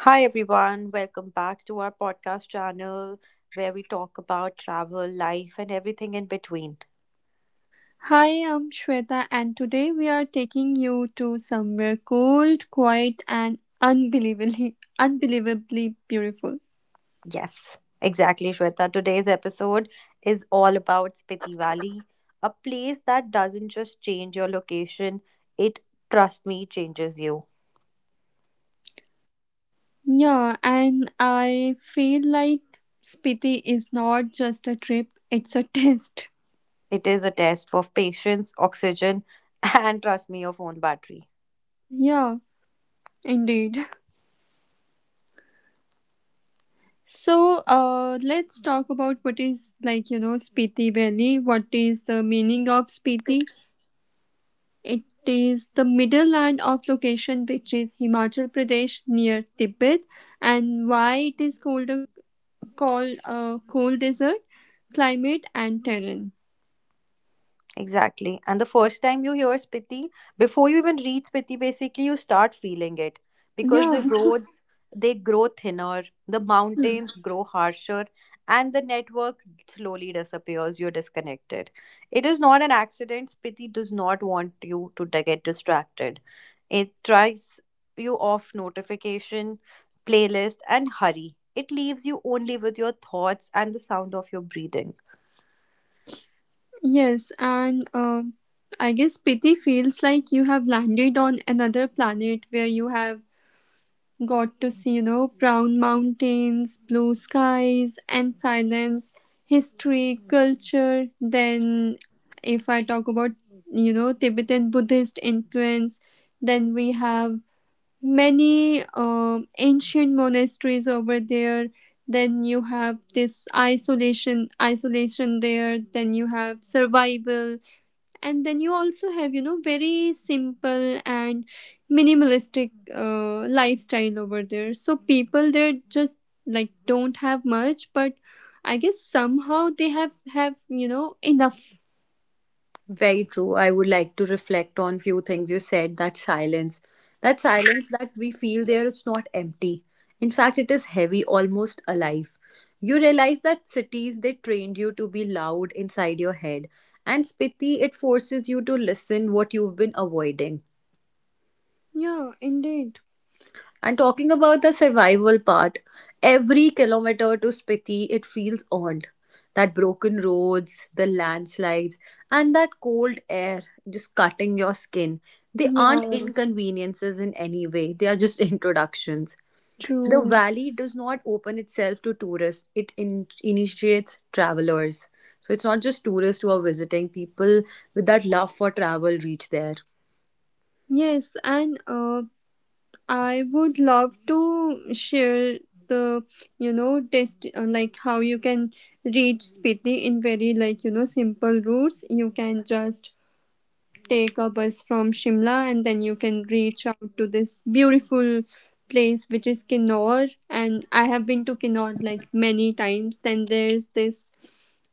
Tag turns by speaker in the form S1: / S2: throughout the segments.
S1: Hi everyone, welcome back to our podcast channel where we talk about travel, life, and everything in between.
S2: Hi, I'm Shweta, and today we are taking you to somewhere cold, quiet, and unbelievably, unbelievably beautiful.
S1: Yes, exactly, Shweta. Today's episode is all about Spiti Valley, a place that doesn't just change your location, it, trust me, changes you.
S2: Yeah, and I feel like Spiti is not just a trip, it's a test.
S1: It is a test of patience, oxygen, and trust me, your phone battery.
S2: Yeah, indeed. So, let's talk about what is, Spiti Valley. What is the meaning of Spiti? It is the middle land of location which is Himachal Pradesh near Tibet, and why it is called a called a cold desert, climate and terrain.
S1: Exactly. And the first time you hear Spiti, before you even reach Spiti, basically you start feeling it because
S2: Yeah,
S1: the roads they grow thinner, the mountains grow harsher, and the network slowly disappears. You're disconnected. It is not an accident. Spiti does not want you to get distracted. It tries you off notification, playlist, and hurry. It leaves you only with your thoughts and the sound of your breathing.
S2: yes, and I guess pity feels like you have landed on another planet where you have got to see, you know, brown mountains, blue skies, and silence, history, culture. Then, if I talk about, you know, Tibetan Buddhist influence, then we have many ancient monasteries over there. Then you have this isolation there. Then you have survival, and then you also have, you know, very simple and minimalistic lifestyle over there. So people there just, like, don't have much, but I guess somehow they have, you know, enough.
S1: Very true. I would like to reflect on few things you said. That silence, that silence that we feel there, it's not empty. In fact, it is heavy, almost alive. You realize that cities they trained you to be loud inside your head, and spiti it forces you to listen what you've been avoiding.
S2: Yeah, indeed.
S1: And talking about the survival part, every kilometer to Spiti, it feels earned. That broken roads, the landslides, and that cold air just cutting your skin. They aren't
S2: Yeah,
S1: inconveniences in any way, they are just introductions. The
S2: true.
S1: valley does not open itself to tourists, it initiates travelers. So it's not just tourists who are visiting, people with that love for travel reach there,
S2: Yes, and I would love to share the, you know, test, like how you can reach Spiti in very, like, you know, simple routes. You can just take a bus from Shimla, and then you can reach out to this beautiful place which is Kinnaur, and I have been to Kinnaur like many times. Then there's this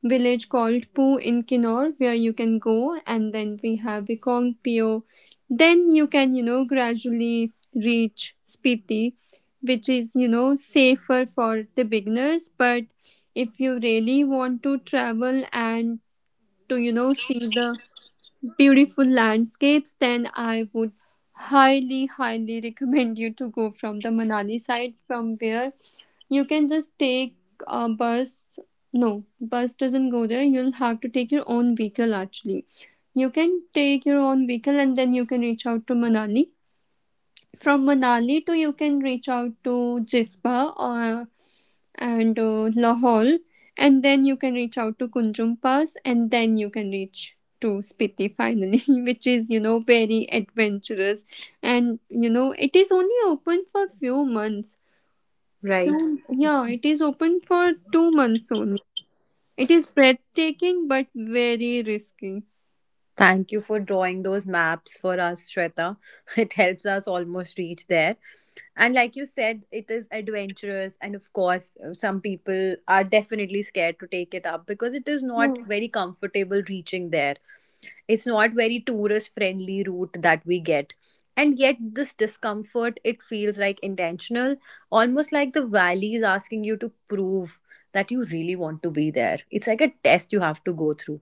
S2: village called Poo in Kinnaur where you can go, and then we have Vikong Pio. Then you can, you know, gradually reach Spiti, which is, you know, safer for the beginners. But if you really want to travel and to, you know, see the beautiful landscapes, then I would highly, highly recommend you to go from the Manali side, from where you can just take a bus. No, bus doesn't go there. You'll have to take your own vehicle actually. You can take your own vehicle and then you can reach out to Manali. From Manali to you can reach out to Jispa or and Lahore, and then you can reach out to Kunjum Pass, and then you can reach to Spiti finally, which is, you know, very adventurous, and you know it is only open for few months.
S1: right?
S2: Few, yeah, it is open for 2 months only. It is breathtaking but very risky.
S1: Thank you for drawing those maps for us, Shweta. It helps us almost reach there. And like you said, it is adventurous. And of course, some people are definitely scared to take it up because it is not very comfortable reaching there. It's not very tourist friendly route that we get. And yet, this discomfort, it feels like intentional, almost like the valley is asking you to prove that you really want to be there. It's like a test you have to go through.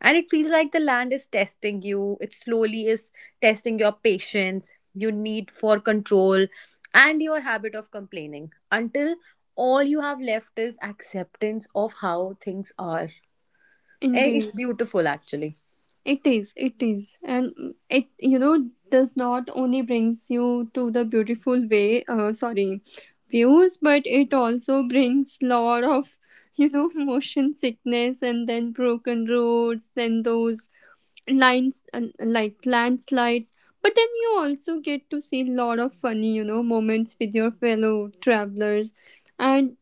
S1: And it feels like the land is testing you. It slowly is testing your patience, your need for control, and your habit of complaining until all you have left is acceptance of how things are. It's
S2: Indeed.
S1: beautiful, actually.
S2: It is, and, mm, it, you know, does not only brings you to the beautiful way, sorry, views, but it also brings lot of, you know, motion sickness, and then broken roads, then those lines, like landslides. But then you also get to see lot of funny, you know, moments with your fellow travelers, and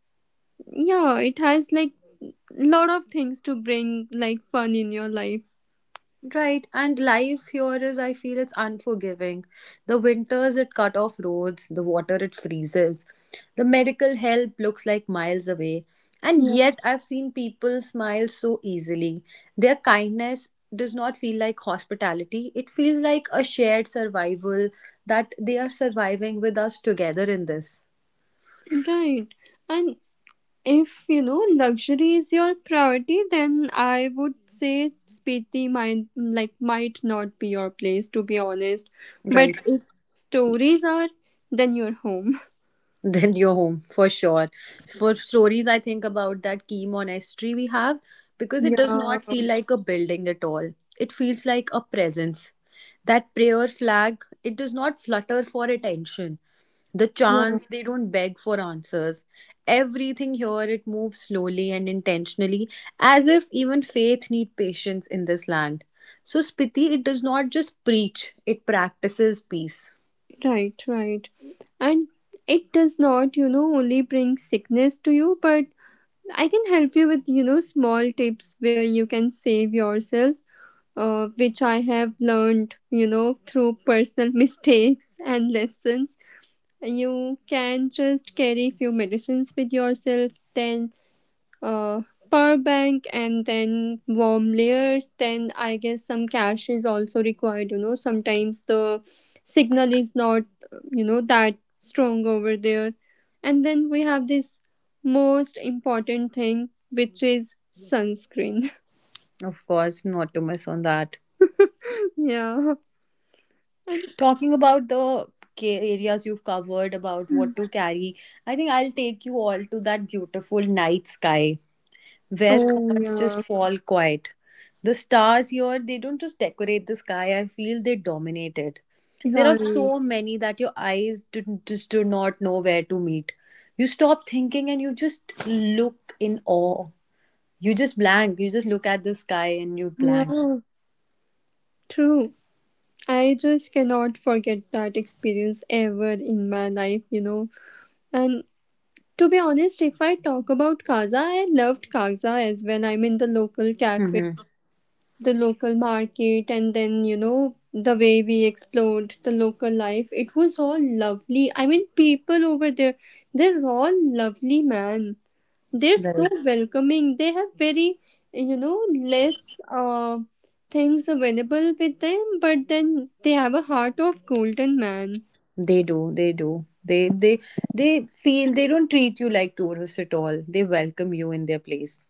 S2: yeah, it has like lot of things to bring like fun in your life.
S1: Right, and life here is, I feel it's unforgiving. The winters, it cut off roads, the water, it freezes. The medical help looks like miles away. And yet, I've seen people smile so easily. Their kindness does not feel like hospitality, it feels like a shared survival that they are surviving with us together in this.
S2: Right. And if you know luxury is your priority, then I would say Spiti might might not be your place, to be honest. But
S1: Right.
S2: if stories are, then your home.
S1: Then you're home for sure. For stories, I think about that key monastery we have because it does
S2: Yeah,
S1: not feel like a building at all. It feels like a presence. That prayer flag, it does not flutter for attention. The
S2: yeah.
S1: chants, they don't beg for answers. Everything here, it moves slowly and intentionally, as if even faith need patience in this land. So Spiti, it does not just preach, it practices peace.
S2: Right, right. And it does not, you know, only bring sickness to you, but I can help you with, you know, small tips where you can save yourself, which I have learned, you know, through personal mistakes and lessons. You can just carry few medicines with yourself, then, uh, power bank, and then warm layers. Then I guess some cash is also required. You know, sometimes the signal is not, you know, that strong over there. And then we have this most important thing, which is sunscreen.
S1: Of course, not to miss on that.
S2: Yeah. And
S1: Talking about the areas you've covered about what to carry, I think I'll take you all to that beautiful night sky where
S2: oh
S1: thoughts just
S2: yeah.
S1: fall quiet. The stars here, they don't just decorate the sky, I feel they dominate it. There are
S2: Right.
S1: so many that your eyes do, just do not know where to meet. You stop thinking and you just look in awe. You just blank. You just look at the sky and you blank.
S2: Yeah, true. I just cannot forget that experience ever in my life, you know. And to be honest, if I talk about Kaza, I loved Kaza as when I'm in the local cafe,
S1: Mm-hmm.
S2: the local market, and then, you know, the way we explored the local life. It was all lovely. I mean, people over there, they're all lovely, man. They're so welcoming. They have very, you know, less, uh, things available with them, but then they have a heart of golden, man.
S1: They do, they do. They feel they don't treat you like tourists at all. They welcome you in their place.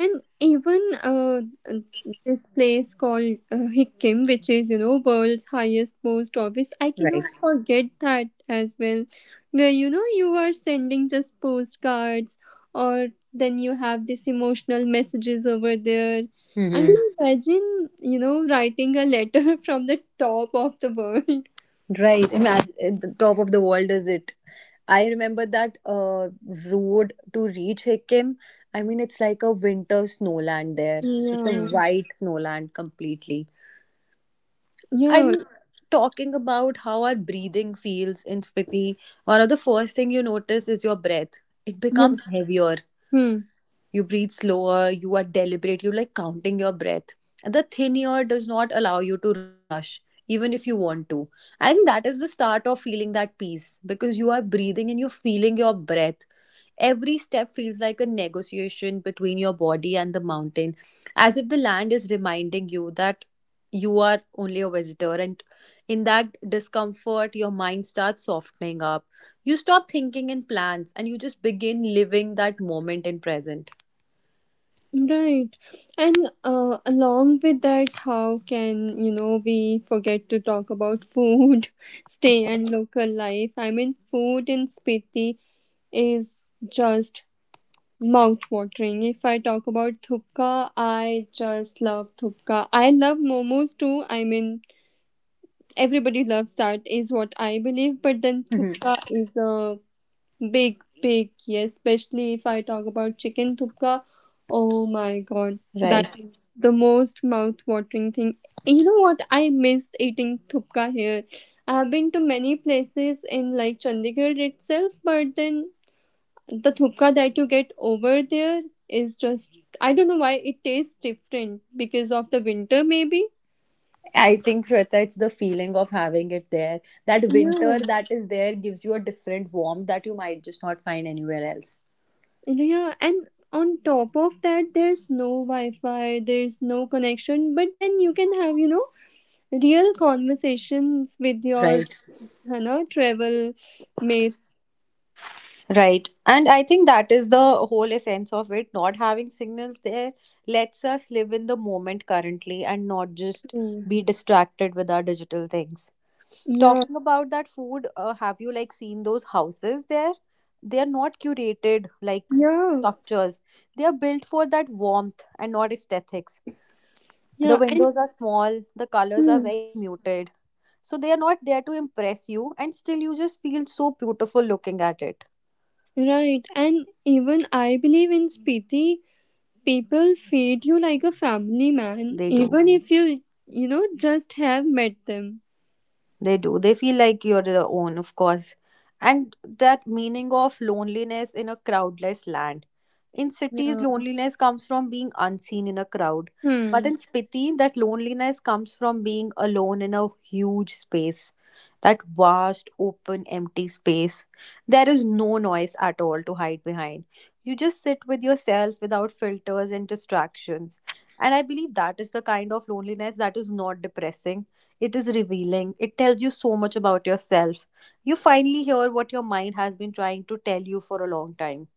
S2: And even, uh, this place called, Hikkim, which is, you know, world's highest, most obvious, I
S1: Right.
S2: cannot forget that as well. Where, you know, you are sending just postcards, or then you have this emotional messages over there. I
S1: Hmm.
S2: mean, imagine, you know, writing a letter from the top of the world.
S1: Right. Imagine at the top of the world is it. I remember that road to reach Hikkim. I mean, it's like a winter snowland there. It's a
S2: Yeah.
S1: Mhm. White snowland completely.
S2: Yeah.
S1: I'm talking about how our breathing feels in Spiti. One of the first thing you notice is your breath. It
S2: Yeah.
S1: becomes heavier.
S2: Hmm.
S1: You breathe slower, you are deliberate, you like counting your breath. And the thin air does not allow you to rush, even if you want to. I think that is the start of feeling that peace because you are breathing and you're feeling your breath. Every step feels like a negotiation between your body and the mountain, as if the land is reminding you that you are only a visitor. And in that discomfort, your mind starts softening up. You stop thinking in plans and you just begin living that moment in present.
S2: Right. And along with that, how can, you know, we forget to talk about food, stay and local life? I mean, food in Spiti is just mouth-watering. If I talk about thupka, I just love thupka. I love momos too. I mean, everybody loves that, is what I believe, but then
S1: Mhm.
S2: thupka is a big, big, yes. Especially if I talk about chicken thupka. Oh my god, that
S1: Right.
S2: is the most mouth-watering thing. You know what? I miss eating thupka here. I have been to many places in like Chandigarh itself, but then the thupka that you get over there is just, I don't know why it tastes different, because of the winter maybe.
S1: I think Shweta, it's the feeling of having it there. That
S2: Yeah,
S1: winter that is there gives you a different warmth that you might just not find anywhere else.
S2: yeah, and on top of that, there's no Wi Fi, there's no connection, but then you can have, you know, real conversations with your,
S1: Right.
S2: you know, travel mates
S1: Right. And I think that is the whole essence of it. Not having signals there lets us live in the moment currently and not just
S2: too.
S1: be distracted with our digital things.
S2: Yeah,
S1: Talking about that food, have you like seen those houses there? They are not curated like
S2: yeah,
S1: structures. They are built for that warmth and not aesthetics. The
S2: yeah. And
S1: windows are small, the colors are
S2: hmm,
S1: very muted. So they are not there to impress you, and still you just feel so beautiful looking at it.
S2: right. And even I believe in Spiti, people feed you like a family, man,
S1: They do.
S2: even if you, you know, just have met them.
S1: They do. They feel like you're their own, of course. And that meaning of loneliness in a crowdless land. In cities,
S2: Yeah.
S1: loneliness comes from being unseen in a crowd. But
S2: Hmm.
S1: in Spiti, that loneliness comes from being alone in a huge space. That vast, open, empty space. There is no noise at all to hide behind. You just sit with yourself without filters and distractions. And I believe that is the kind of loneliness that is not depressing, it is revealing. It tells you so much about yourself. You finally hear what your mind has been trying to tell you for a long time.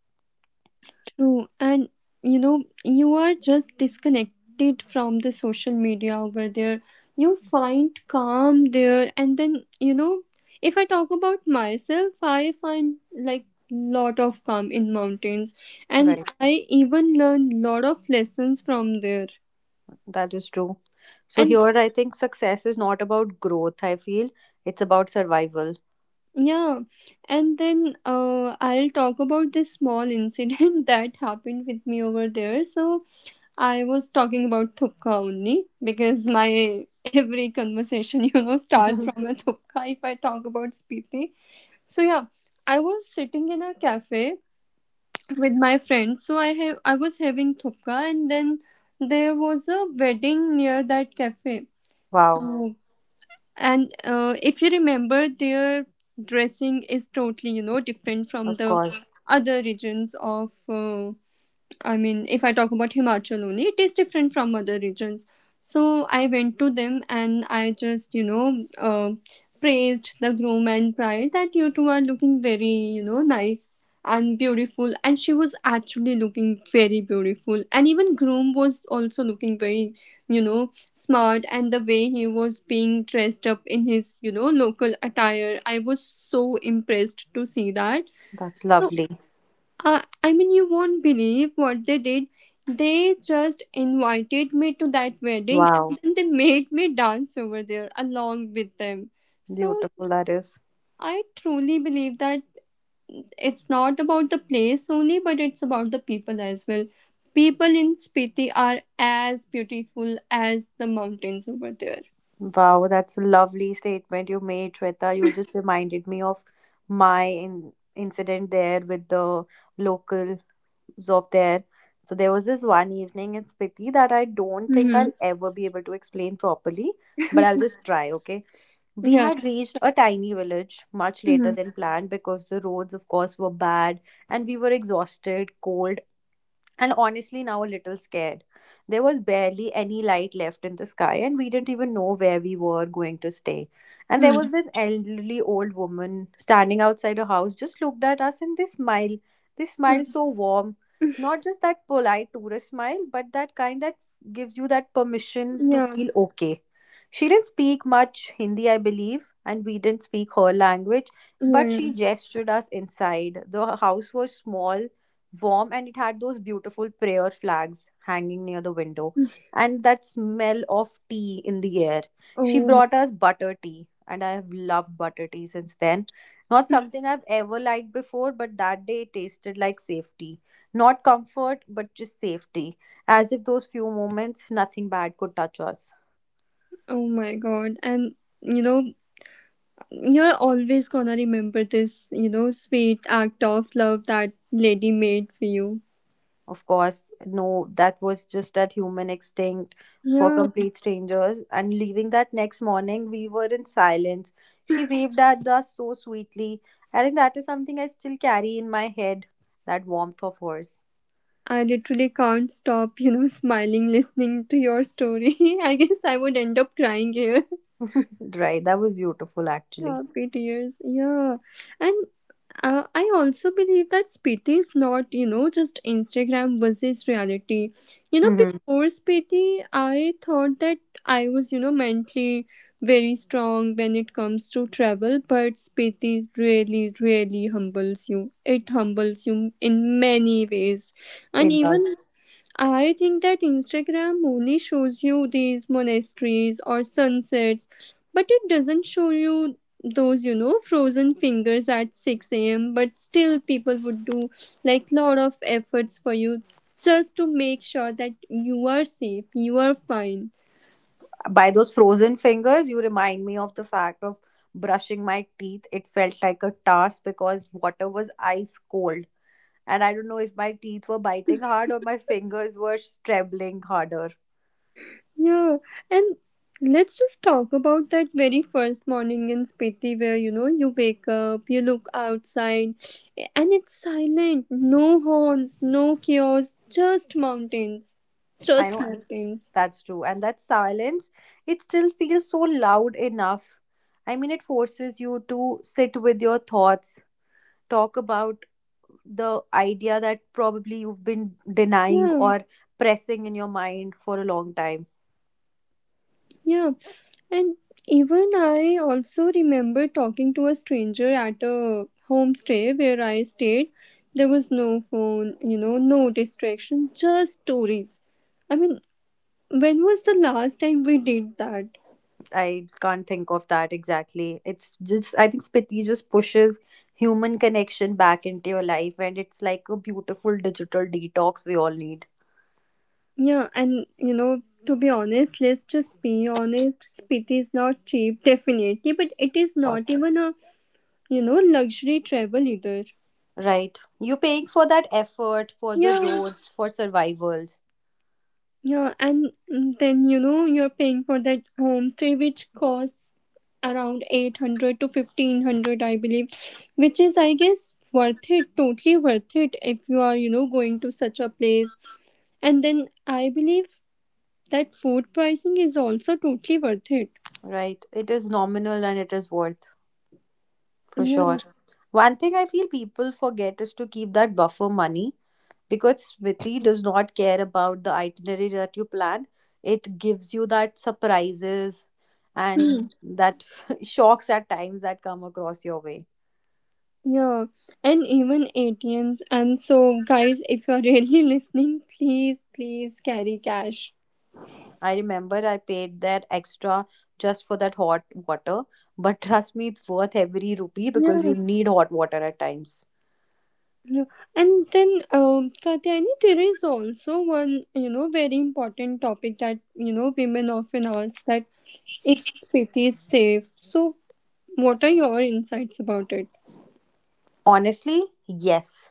S2: True. And, you know, you are just disconnected from the social media over there. You find calm there. And then, you know, if I talk about myself, I find like lot of calm in mountains, and
S1: Right.
S2: I even learn lot of lessons from there.
S1: That is true. So here
S2: And
S1: I think success is not about growth, I feel. It's about survival.
S2: yeah, and then I'll talk about this small incident that happened with me over there. So I was talking about thupka only, because my every conversation, you know, starts from a thupka if I talk about Spiti. So yeah, I was sitting in a cafe with my friends. So I have I was having thupka, and then there was a wedding near that cafe.
S1: Wow.
S2: So, and if you remember, their dressing is totally, you know, different from
S1: Of
S2: the
S1: course.
S2: other regions of, I mean, if I talk about Himachal only, it is different from other regions. So I went to them, and I just, you know, praised the groom and pride that you two are looking very, you know, nice and beautiful. And she was actually looking very beautiful. And even groom was also looking very, you know, smart. And the way he was being dressed up in his, you know, local attire, I was so impressed to see that.
S1: That's
S2: So,
S1: lovely.
S2: I mean, you won't believe what they did. They just invited me to that wedding, and
S1: Wow.
S2: then they made me dance over there along with them. So
S1: Beautiful that is.
S2: I truly believe that it's not about the place only, but it's about the people as well. People in Spiti are as beautiful as the mountains over there.
S1: Wow, that's a lovely statement you made, Shweta. You just reminded me of my in incident there with the local of there. So there was this one evening in Spiti that I don't think I'll
S2: Hmm.
S1: ever be able to explain properly, but I'll just try, okay? We
S2: Yeah.
S1: had reached a tiny village much later
S2: Hmm.
S1: than planned because the roads, of course, were bad and we were exhausted, cold, and honestly now a little scared. There was barely any light left in the sky, and we didn't even know where we were going to stay. And there
S2: Hmm.
S1: was this elderly old woman standing outside her house, just looked at us and this smile. This
S2: Hmm.
S1: smile so warm. Not just that polite tourist smile, but that kind that gives you that permission to
S2: Yeah.
S1: feel okay. She didn't speak much Hindi, I believe, and we didn't speak her language,
S2: Yeah.
S1: but
S2: Yeah.
S1: she gestured us inside. The house was small warm and it had those beautiful prayer flags hanging near the window and that smell of tea in the air. She
S2: Oh my.
S1: brought us butter tea and I have loved butter tea since then. Not something I've ever liked before, but that day it tasted like safety. Not comfort, but just safety. As if those few moments, nothing bad could touch us.
S2: Oh my god. And, you know, you're always gonna remember this, you know, sweet act of love that lady made for you.
S1: Of course, no, that was just that human instinct for
S2: Yeah.
S1: complete strangers. And leaving that next morning, we were in silence. She waved at us so sweetly. I think that is something I still carry in my head, that warmth of hers.
S2: I literally can't stop, you know, smiling listening to your story. I guess I would end up crying here.
S1: Right, that was beautiful actually.
S2: Happy tears. Yeah. And I also believe that Spiti is not, you know, just Instagram versus reality. You know,
S1: Hmm.
S2: before Spiti, I thought that I was, you know, mentally very strong when it comes to travel, but Spiti really, really humbles you. It humbles you in many ways. And
S1: It does.
S2: even I think that Instagram only shows you these monasteries or sunsets, but it doesn't show you those, you know, frozen fingers at 6 a.m. But still, people would do like lot of efforts for you, just to make sure that you are safe, you are fine.
S1: By those frozen fingers, you remind me of the fact of brushing my teeth. It felt like a task because water was ice cold. And I don't know if my teeth were biting hard or my fingers were strabbling harder.
S2: Yeah, and let's just talk about that very first morning in Spiti, where you know you wake up, you look outside, and it's silent. No horns, no chaos, just mountains.
S1: I
S2: Just
S1: know,
S2: mountains.
S1: that's true. And that silence, it still feels so loud enough. I mean, it forces you to sit with your thoughts, talk about the idea that probably you've been denying
S2: Yeah,
S1: or pressing in your mind for a long time.
S2: yeah. And even I also remember talking to a stranger at a homestay where I stayed. There was no phone, you know, no distraction, just stories. I mean, when was the last time we did that?
S1: I can't think of that exactly. It's just I think Spiti just pushes human connection back into your life and it's like a beautiful digital detox we all need.
S2: Yeah, and you know, to be honest, let's just be honest. Spit is not cheap, definitely, but it is
S1: Yes.
S2: not even a, you know, luxury travel either.
S1: Right. You're paying for that effort, for the
S2: Yeah,
S1: roads, for survivals.
S2: yeah, and then, you know, you're paying for that homestay which costs around 800 to 1,500, I believe, which is, I guess, worth it, totally worth it if you are, you know, going to such a place. And then I believe that food pricing is also totally worth it.
S1: Right. It is nominal and it is worth for
S2: Yeah.
S1: sure. One thing I feel people forget is to keep that buffer money because Smriti does not care about the itinerary that you plan. It gives you that surprises and
S2: Hmm.
S1: that shocks at times that come across your way.
S2: Yeah. And even ATMs. And so, guys, if you're really listening, please, please carry cash.
S1: I remember I paid that extra just for that hot water, but trust me, it's worth every rupee because
S2: Yeah.
S1: you need hot water at times.
S2: Yeah. Katyani, there is also one, you know, very important topic that, you know, women often ask, that if Spiti is safe. So, what are your insights about it?
S1: Honestly, yes.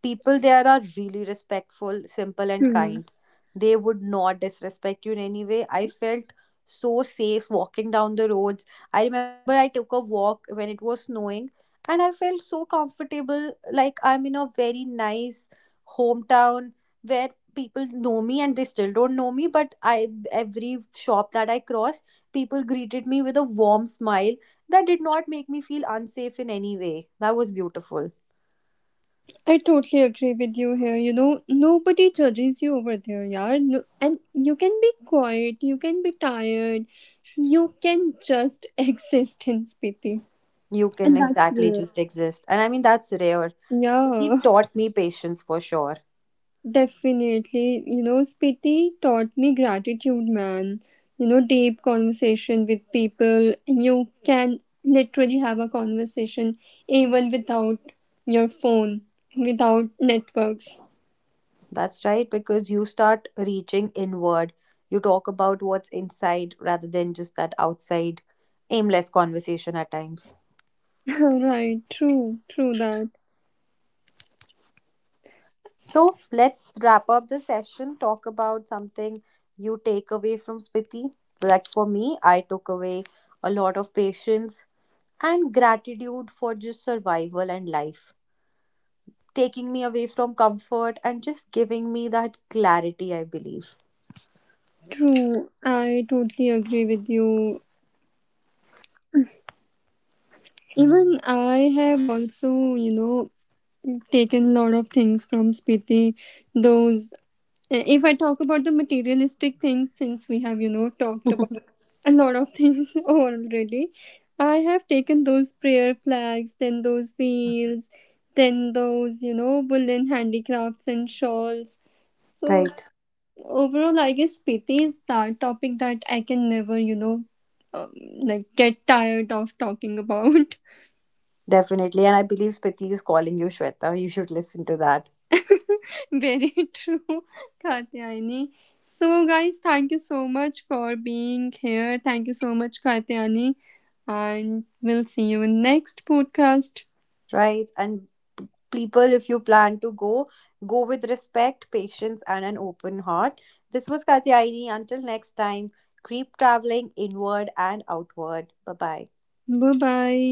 S1: People there are really respectful, simple, and
S2: Hmm.
S1: kind. They would not disrespect you in any way. I felt so safe walking down the roads. I remember I took a walk when it was snowing, and I felt so comfortable, like I'm in a very nice hometown where people know me and they still don't know me. But I, every shop that I crossed, people greeted me with a warm smile. That did not make me feel unsafe in any way. That was beautiful.
S2: I totally agree with you here. You know, nobody judges you over there, yeah. No, and you can be quiet, you can be tired, you can just exist in Spiti.
S1: You can
S2: And that's
S1: exactly
S2: real.
S1: just exist. And I mean, that's rare. Smriti
S2: Yeah,
S1: taught me patience for sure.
S2: definitely. You know, Spiti taught me gratitude, man. You know, deep conversation with people. You can literally have a conversation even without your phone, without networks.
S1: That's right, because you start reaching inward. You talk about what's inside rather than just that outside aimless conversation at times.
S2: Right, true, true that.
S1: So let's wrap up the session. Talk about something you take away from Spiti. Like for me, I took away a lot of patience and gratitude for just survival and life taking me away from comfort and just giving me that clarity, I believe.
S2: True, I totally agree with you. Even I have also, you know, taken a lot of things from Spiti. Those, eh, if I talk about the materialistic things, since we have, you know, talked about a lot of things already, I have taken those prayer flags, then those wheels, then those, you know, woolen handicrafts and shawls. So
S1: Right,
S2: overall I guess pity is that topic that I can never, you know, um, like get tired of talking about.
S1: definitely. And I believe Spiti is calling you, Shweta. You should listen to that.
S2: Very true, Katyayani. So guys, thank you so much for being here. Thank you so much, Katyayani, and we'll see you in next podcast.
S1: Right. And p- people, if you plan to go, go with respect, patience, and an open heart. This was Katyaini. Until next time, keep traveling inward and outward. Bye bye.
S2: Bye bye.